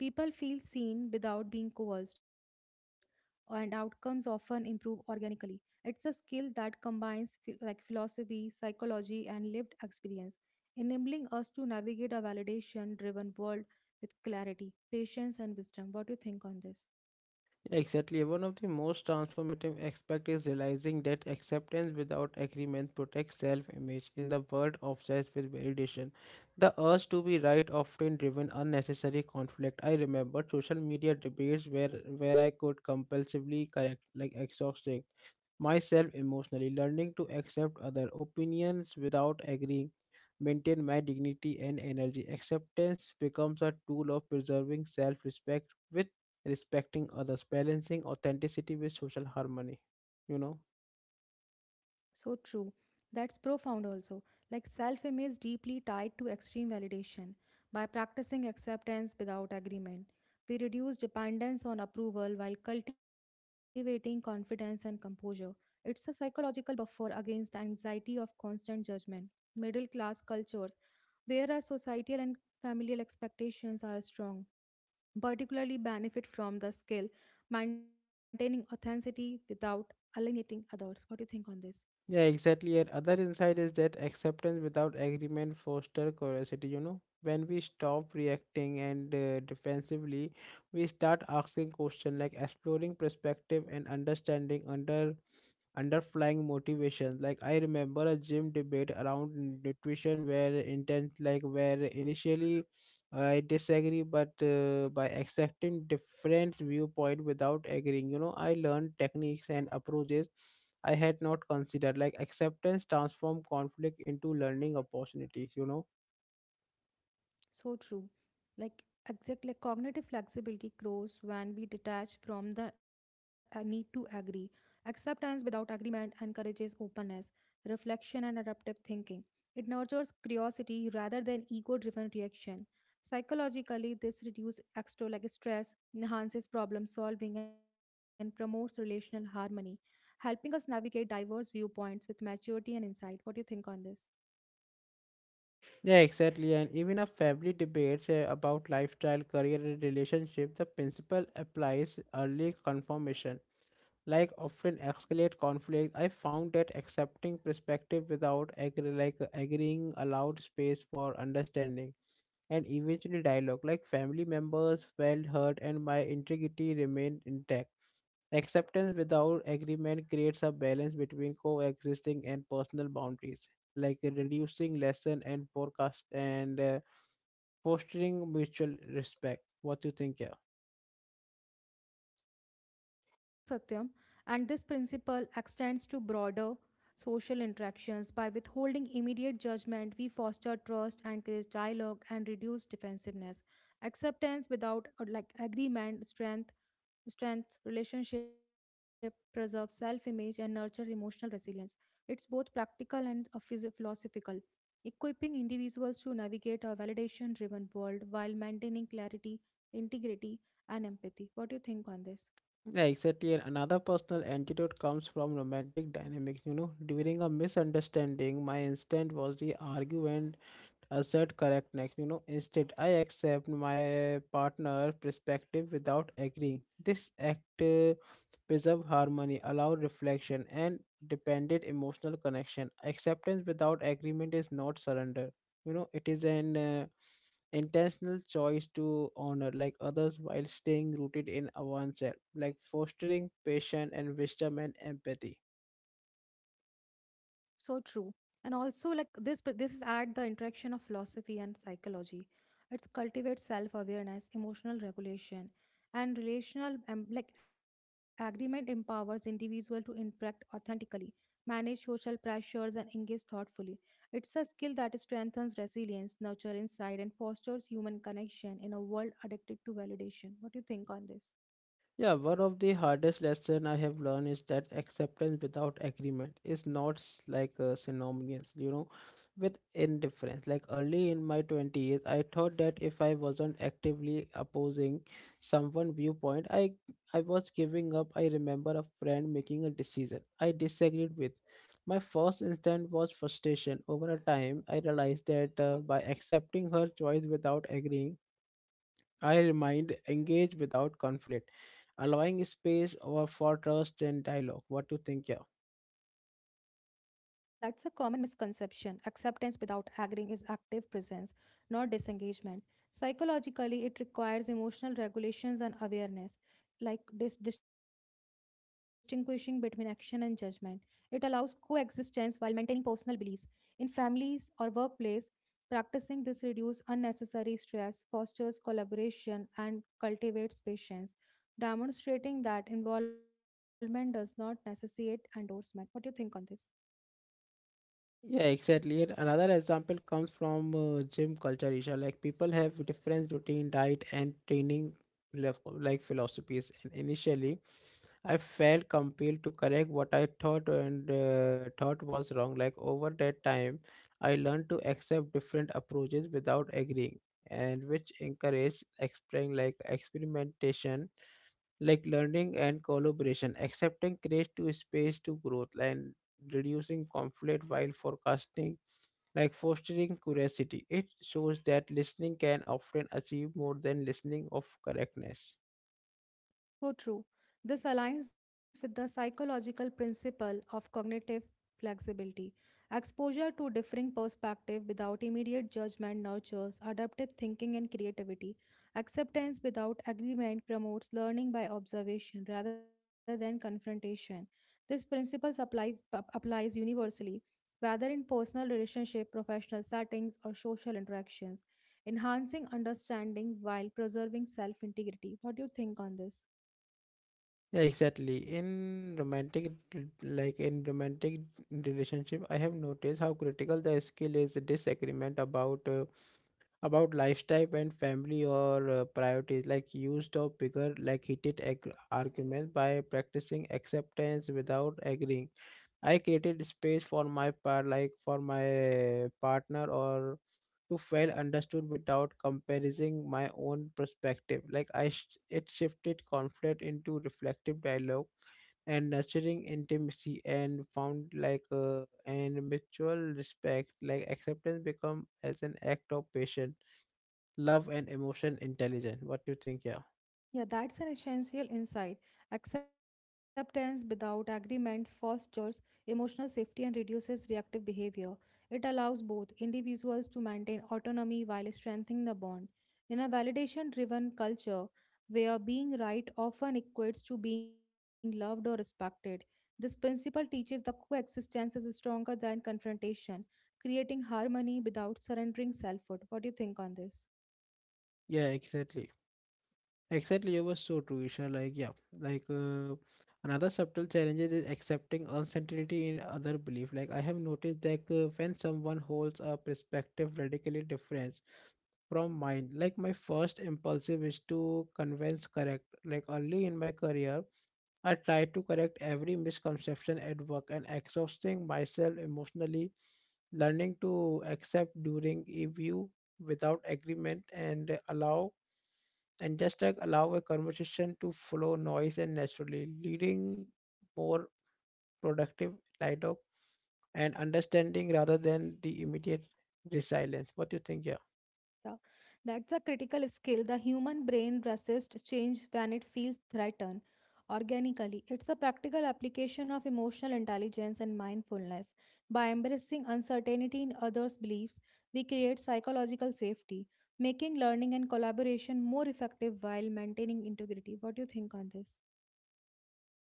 People feel seen without being coerced, and outcomes often improve organically. It's a skill that combines philosophy, psychology, and lived experience, enabling us to navigate a validation-driven world with clarity, patience, and wisdom. What do you think on this?
Yeah, exactly. One of the most transformative aspects is realizing that acceptance without agreement protects self image in the world obsessed with validation. The urge to be right often driven unnecessary conflict. I remember social media debates where I could compulsively correct, like exhausting myself emotionally, learning to accept other opinions without agreeing, maintain my dignity and energy. Acceptance becomes a tool of preserving self respect respecting others, balancing authenticity with social harmony. You know?
So true. That's profound also. Like self image deeply tied to extreme validation. By practicing acceptance without agreement, we reduce dependence on approval while cultivating confidence and composure. It's a psychological buffer against the anxiety of constant judgment. Middle class cultures, where our societal and familial expectations are strong, particularly benefit from the skill maintaining authenticity without alienating others. What do you think on this?
Yeah, exactly. And other insight is that acceptance without agreement foster curiosity. You know, when we stop reacting and defensively, we start asking questions like exploring perspective and understanding underlying motivation. Like I remember a gym debate around nutrition where intent like where initially I disagree, but by accepting different viewpoint without agreeing, you know, I learned techniques and approaches I had not considered. Like acceptance transform conflict into learning opportunities. You know.
So true. Like exactly, cognitive flexibility grows when we detach from the need to agree. Acceptance without agreement encourages openness, reflection, and adaptive thinking. It nurtures curiosity rather than ego-driven reaction. Psychologically, this reduces extra like stress, enhances problem solving, and promotes relational harmony, helping us navigate diverse viewpoints with maturity and insight. What do you think on this?
Yeah, exactly. And even a family debates about lifestyle, career, and relationship, the principle applies early confirmation, like often escalate conflict. I found that accepting perspective without like agreeing allowed space for understanding and eventually dialogue. Like family members felt hurt and my integrity remained intact. Acceptance without agreement creates a balance between coexisting and personal boundaries, like reducing lesson and forecast and fostering mutual respect. What do you think? Yeah.
So true, Satyam. And this principle extends to broader social interactions. By withholding immediate judgment, we foster trust, encourage dialogue, and reduce defensiveness. Acceptance without agreement, strength, relationship, preserve self-image, and nurture emotional resilience. It's both practical and philosophical. Equipping individuals to navigate a validation-driven world while maintaining clarity, integrity, and empathy. What do you think on this?
Yeah, exactly. And another personal antidote comes from romantic dynamics. You know, during a misunderstanding, my instinct was the argument assert correctness. You know, instead, I accept my partner' perspective without agreeing. This act preserve harmony, allow reflection, and dependent emotional connection. Acceptance without agreement is not surrender. You know, it is an intentional choice to honor like others while staying rooted in oneself, like fostering patience and wisdom and empathy.
So true. And also like this, but this is at the interaction of philosophy and psychology. It cultivates self-awareness, emotional regulation, and relational agreement empowers individual to interact authentically, manage social pressures and engage thoughtfully. It's a skill that strengthens resilience, nurture insight, and fosters human connection in a world addicted to validation. What do you think on this?
Yeah, one of the hardest lessons I have learned is that acceptance without agreement is not like synonymous, you know, with indifference. Like early in my 20s, I thought that if I wasn't actively opposing someone viewpoint, I was giving up. I remember a friend making a decision I disagreed with. My first instinct was frustration. Over a time, I realized that by accepting her choice without agreeing, I remind engage without conflict, allowing space or for trust and dialogue. What do you think? Yeah.
That's a common misconception. Acceptance without agreeing is active presence, not disengagement. Psychologically, it requires emotional regulations and awareness, like distinguishing between action and judgment. It allows coexistence while maintaining personal beliefs. In families or workplace, practicing this reduces unnecessary stress, fosters collaboration, and cultivates patience, demonstrating that involvement does not necessitate endorsement. What do you think on this?
Yeah, exactly. And another example comes from gym culture, Isha. Like people have different routine, diet, and training like philosophies. And initially, I felt compelled to correct what I thought and thought was wrong. Like over that time, I learned to accept different approaches without agreeing, and which encouraged explain like experimentation like learning and collaboration. Accepting creates to space to growth and reducing conflict while forecasting, like fostering curiosity. It shows that listening can often achieve more than listening of correctness.
So true. This aligns with the psychological principle of cognitive flexibility. Exposure to differing perspective without immediate judgment nurtures adaptive thinking and creativity. Acceptance without agreement promotes learning by observation rather than confrontation. These principles applies universally, whether in personal relationship, professional settings or social interactions, enhancing understanding while preserving self-integrity. What do you think on this?
Yeah, exactly. In romantic, like in romantic relationship, I have noticed how critical the skill is disagreement about. About lifestyle and family or priorities like used of bigger like heated arguments. By practicing acceptance without agreeing, I created space for my part like for my partner or to feel understood without comparing my own perspective. Like I it shifted conflict into reflective dialogue and nurturing intimacy and found like and mutual respect. Like acceptance become as an act of patience love and emotion intelligence. What do you think? Yeah.
Yeah, that's an essential insight. Acceptance without agreement fosters emotional safety and reduces reactive behavior. It allows both individuals to maintain autonomy while strengthening the bond. In a validation driven culture where being right often equates to being loved or respected, this principle teaches that coexistence is stronger than confrontation, creating harmony without surrendering selfhood. What do you think on this?
Yeah, exactly, exactly. You were so true, Isha. Like yeah, like uh, another subtle challenge is accepting uncertainty in other belief. Like I have noticed that when someone holds a perspective radically different from mine, like my first impulsive is to convince correct. Like early in my career I try to correct every misconception at work and exhausting myself emotionally, learning to accept during a view without agreement and allow and just like allow a conversation to flow noise and naturally, leading more productive dialogue and understanding rather than the immediate resilience. What do you think, yeah?
Yeah, that's a critical skill. The human brain resists change when it feels threatened organically. It's a practical application of emotional intelligence and mindfulness. By embracing uncertainty in others' beliefs, we create psychological safety, making learning and collaboration more effective while maintaining integrity. What do you think on this?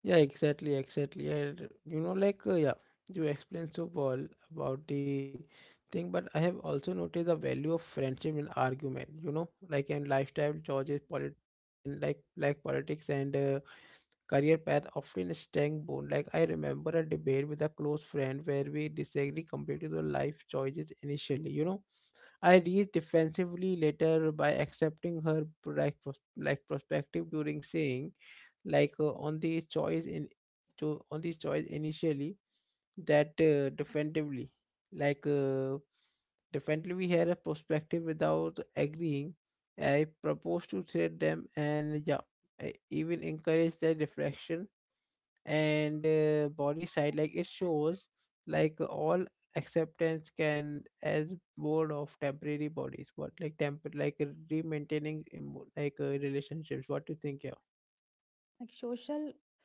Yeah, exactly, exactly. And you know, like, yeah, you explained so well about the thing, but I have also noticed the value of friendship in argument, you know, like in lifestyle choices, polit in like politics and career path often strength bone. Like I remember a debate with a close friend where we disagree completely with life choices initially, you know. I reached defensively later by accepting her like like perspective during saying on the choice in to on the choice initially that defensively like uh, defensively we had a perspective without agreeing. I propose to thread them and yeah, I even encourage their reflection and body side. Like it shows like all acceptance can as board of temporary bodies what like temp like re-maintaining like relationships. What do you think? Yeah.
Like social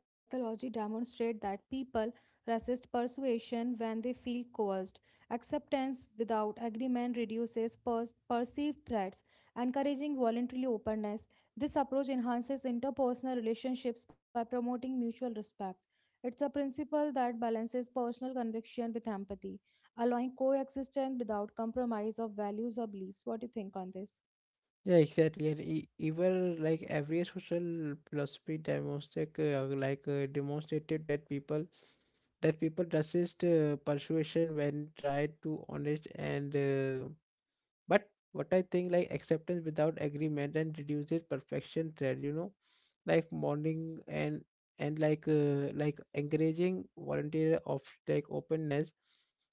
Psychology demonstrates that people resist persuasion when they feel coerced. Acceptance without agreement reduces perceived threats, encouraging voluntary openness. This approach enhances interpersonal relationships by promoting mutual respect. It's a principle that balances personal conviction with empathy, allowing coexistence without compromise of values or beliefs. What do you think on this?
Yeah, exactly. And even like every social philosophy demonstrate demonstrated that people resist persuasion when tried to honest and but what I think like acceptance without agreement and reduces perfection thread, you know, like morning and like encouraging volunteer of like openness.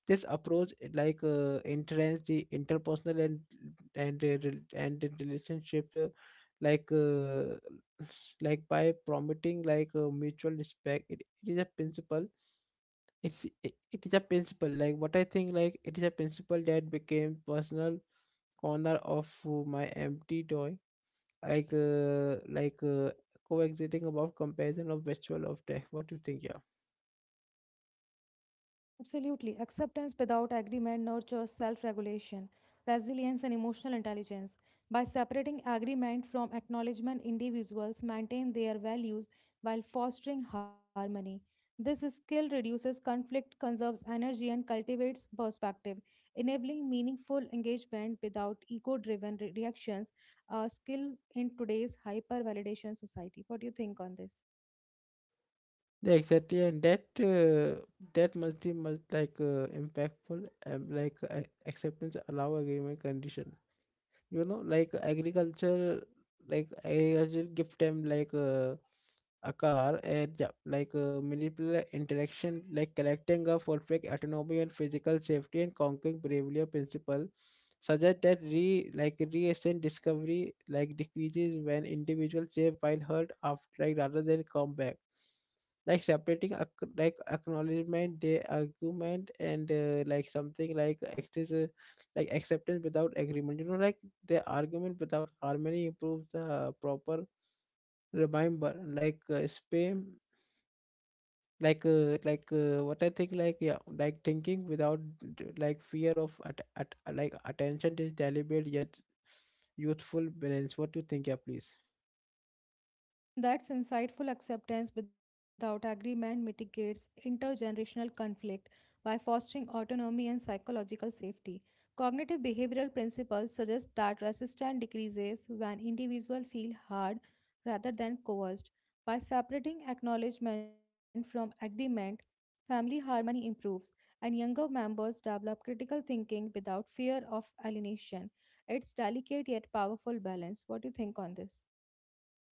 This approach it, enhance the interpersonal and and the relationship like uh, like by promoting mutual respect. It is a principle. It is a principle, like what I think, like it is a principle that became personal corner of my empty toy, like uh, like uh, coexisting about comparison of virtual of tech. What do you think? Yeah,
Absolutely. Acceptance without agreement nurtures self regulation, resilience, and emotional intelligence. By separating agreement from acknowledgement, individuals maintain their values while fostering harmony. This skill reduces conflict, conserves energy, and cultivates perspective, enabling meaningful engagement without ego driven reactions, a skill in today's hyper validation society. What do you think on this?
yeah, exactly. And that that must like impactful and acceptance allow agreement condition, you know, like agriculture, like agriculture give them a car. And yeah, manipulative interaction like collecting a perfect autonomy and physical safety and conquering behavior principle suggest that re like recent discovery like decreases when individuals save while hurt after like rather than combat, like separating like acknowledgement the argument and like something like access like acceptance without agreement, you know, like their argument without harmony improves the proper. Remember spam what I think, like yeah, like thinking without like fear of at like attention is deliberate yet youthful balance. What do you think? Yeah, please.
That's insightful. Acceptance without agreement mitigates intergenerational conflict by fostering autonomy and psychological safety. Cognitive behavioral principles suggest that resistance decreases when individuals feel heard rather than coerced. By separating acknowledgement from agreement, family harmony improves and younger members develop critical thinking without fear of alienation. It's delicate yet powerful balance. What do you think on this?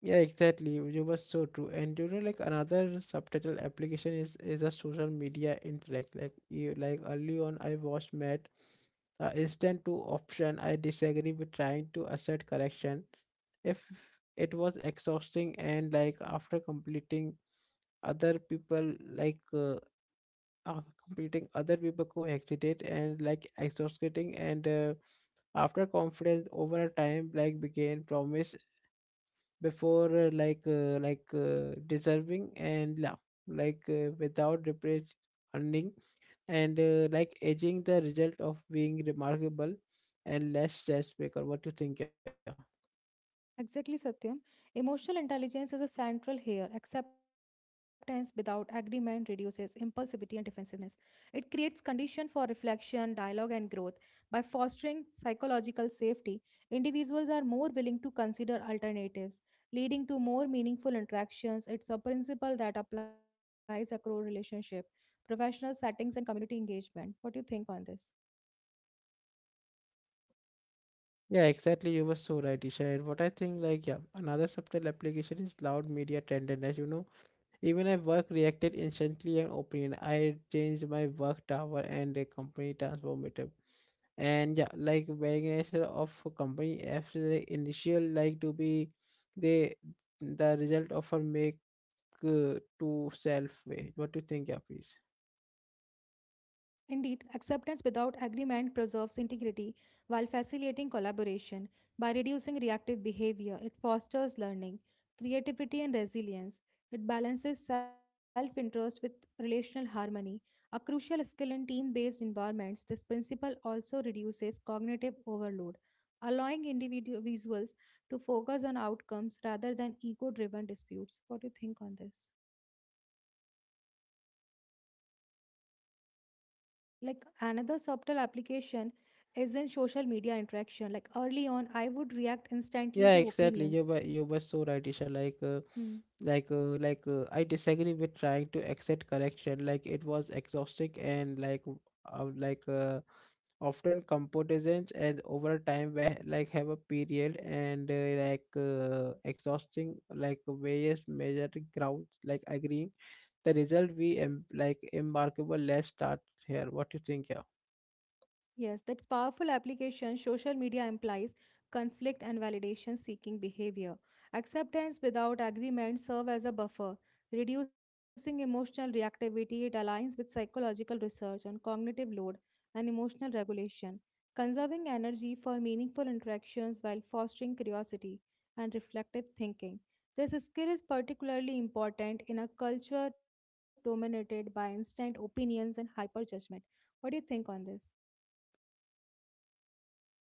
Yeah, exactly. You were so true. And you know, like another subtitle application is a social media interact. Like you, like early on, I watched Matt. Instant to option. I disagree with trying to assert correction. If it was exhausting and like after completing other people after completing other people who hesitate and like exhausting and after confidence over time like began promise before deserving and love without repeat earning and like aging the result of being remarkable and less stress maker. What do you think? Yeah.
Exactly, Satyam. Emotional intelligence is a central here. Acceptance without agreement reduces impulsivity and defensiveness. It creates condition for reflection, dialogue, and growth. By fostering psychological safety, individuals are more willing to consider alternatives, leading to more meaningful interactions. It's a principle that applies across relationship, professional settings, and community engagement. What do you think on this?
Yeah, exactly. You were so right, Isha. And what I think, like, yeah, another subtle application is loud media tenderness. You know, even I work reacted instantly and opinion. I changed my work tower and the company transformative. And yeah, like variation of a company after the initial like to be the the result of a make to self way. What do you think? Yeah, please.
Indeed, acceptance without agreement preserves integrity while facilitating collaboration. By reducing reactive behavior, it fosters learning, creativity, and resilience. It balances self interest with relational harmony, a crucial skill in team based environments. This principle also reduces cognitive overload, allowing individuals to focus on outcomes rather than ego driven disputes. What do you think on this? Like another subtle application is in social media interaction, like early on I would react instantly
Yeah,
to
exactly.
opinions.
You were so right, Isha.
Hmm.
I disagree with trying to accept correction. Like it was exhausting and like uh, like uh, often competitions and over time where like have a period and exhausting like various measured grounds like agreeing the result we like embarkable. Let's start here. What do you think? Yeah.
Yes, that's powerful application. Social media implies conflict and validation seeking behavior. Acceptance without agreement serve as a buffer, reducing emotional reactivity. It aligns with psychological research on cognitive load and emotional regulation, conserving energy for meaningful interactions while fostering curiosity and reflective thinking. This skill is particularly important in a culture dominated by instant opinions and hyper judgment. What do you think on this?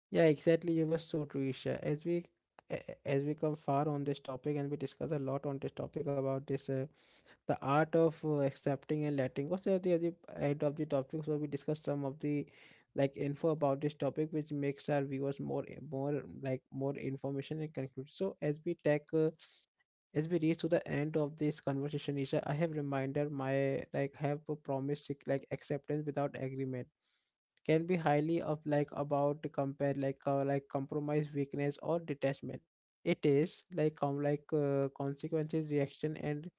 Yeah, exactly. You were so true, Isha. As we as we come far on this topic, and we discuss a lot on this topic about this the art of accepting and letting go. So at the other end of the topic, so we discuss some of the like info about this topic, which makes our viewers more more information and conclude. So as we take as we reach to the end of this conversation, Isha, I have reminded my like have a promise. Like acceptance without agreement can be highly of like about to compare like compromise weakness or detachment. It is like consequences reaction and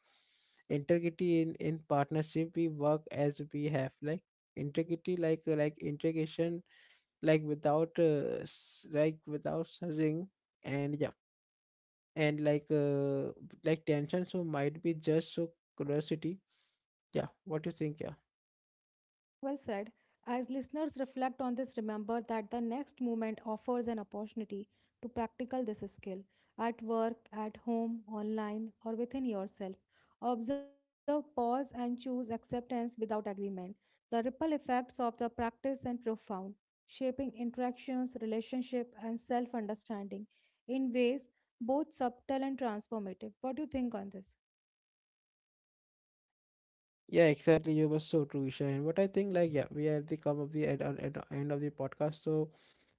integrity in partnership we work as we have like integrity like integration like without like without ring and yeah and like tension, so might be just so curiosity. Yeah, what do you think? Yeah.
Well said. As listeners reflect on this, remember that the next movement offers an opportunity to practical this skill at work, at home, online, or within yourself. Observe, pause, and choose acceptance without agreement. The ripple effects of the practice are profound, shaping interactions, relationship, and self understanding in ways both subtle and transformative. What do you think on this?
Yeah, exactly. You were so true, Isha. And what I think, like, yeah, we are at the come of the end of the podcast. So,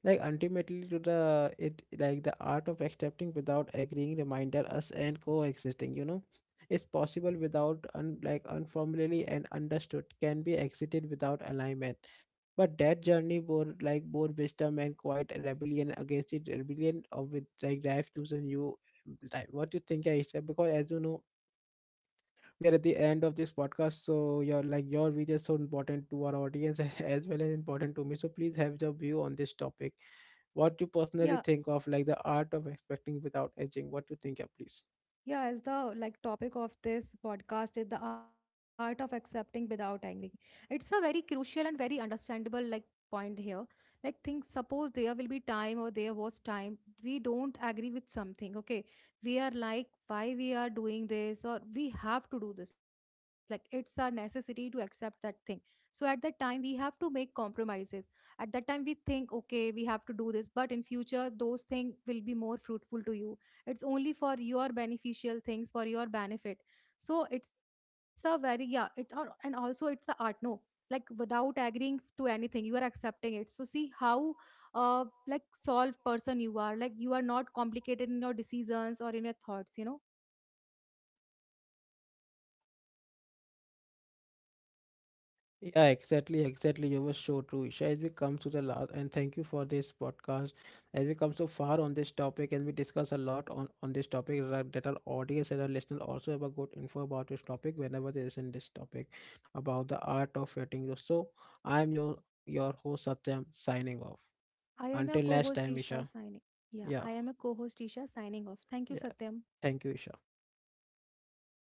like, ultimately, to the it like the art of accepting without agreeing, reminder us and coexisting. You know, it's possible without un, like unformally and understood can be exited without alignment. But that journey bore like bore wisdom and quite rebellion against it, rebellion of with like life chosen you. Like, what you think, Aisha? Because as you know we are at the end of this podcast, so your like your view is so important to our audience as well as important to me, so please have your view on this topic. What you
Yeah.
personally think of like the art of expecting without edging? What you think? Yeah, please.
Yeah, as the like topic of this podcast is the art of accepting without angering. It's a very crucial and very understandable like point here. Like think, suppose there will be time or there was time we don't agree with something. Okay. We are like why we are doing this or we have to do this. Like it's our necessity to accept that thing. So at that time we have to make compromises. At that time we think, okay, we have to do this, but in future those things will be more fruitful to you, it's only for your beneficial things, for your benefit. So it's a very, yeah, it or and also it's a art, no, like without agreeing to anything you are accepting it, so see how solved person you are, like you are not complicated in your decisions or in your thoughts, you know.
Yeah, exactly, exactly. You were so true, Isha. As we come to the last, and thank you for this podcast. As we come so far on this topic, and we discuss a lot on this topic, that that our audience and our listener also have a good info about this topic whenever they listen this topic about the art of writing. So I am your host Satyam signing off.
I am your
Until next
co-host
time, Isha.
Isha signing. Yeah,
Yeah,
I am a co-host Isha signing off. Thank you,
yeah.
Satyam.
Thank you, Isha.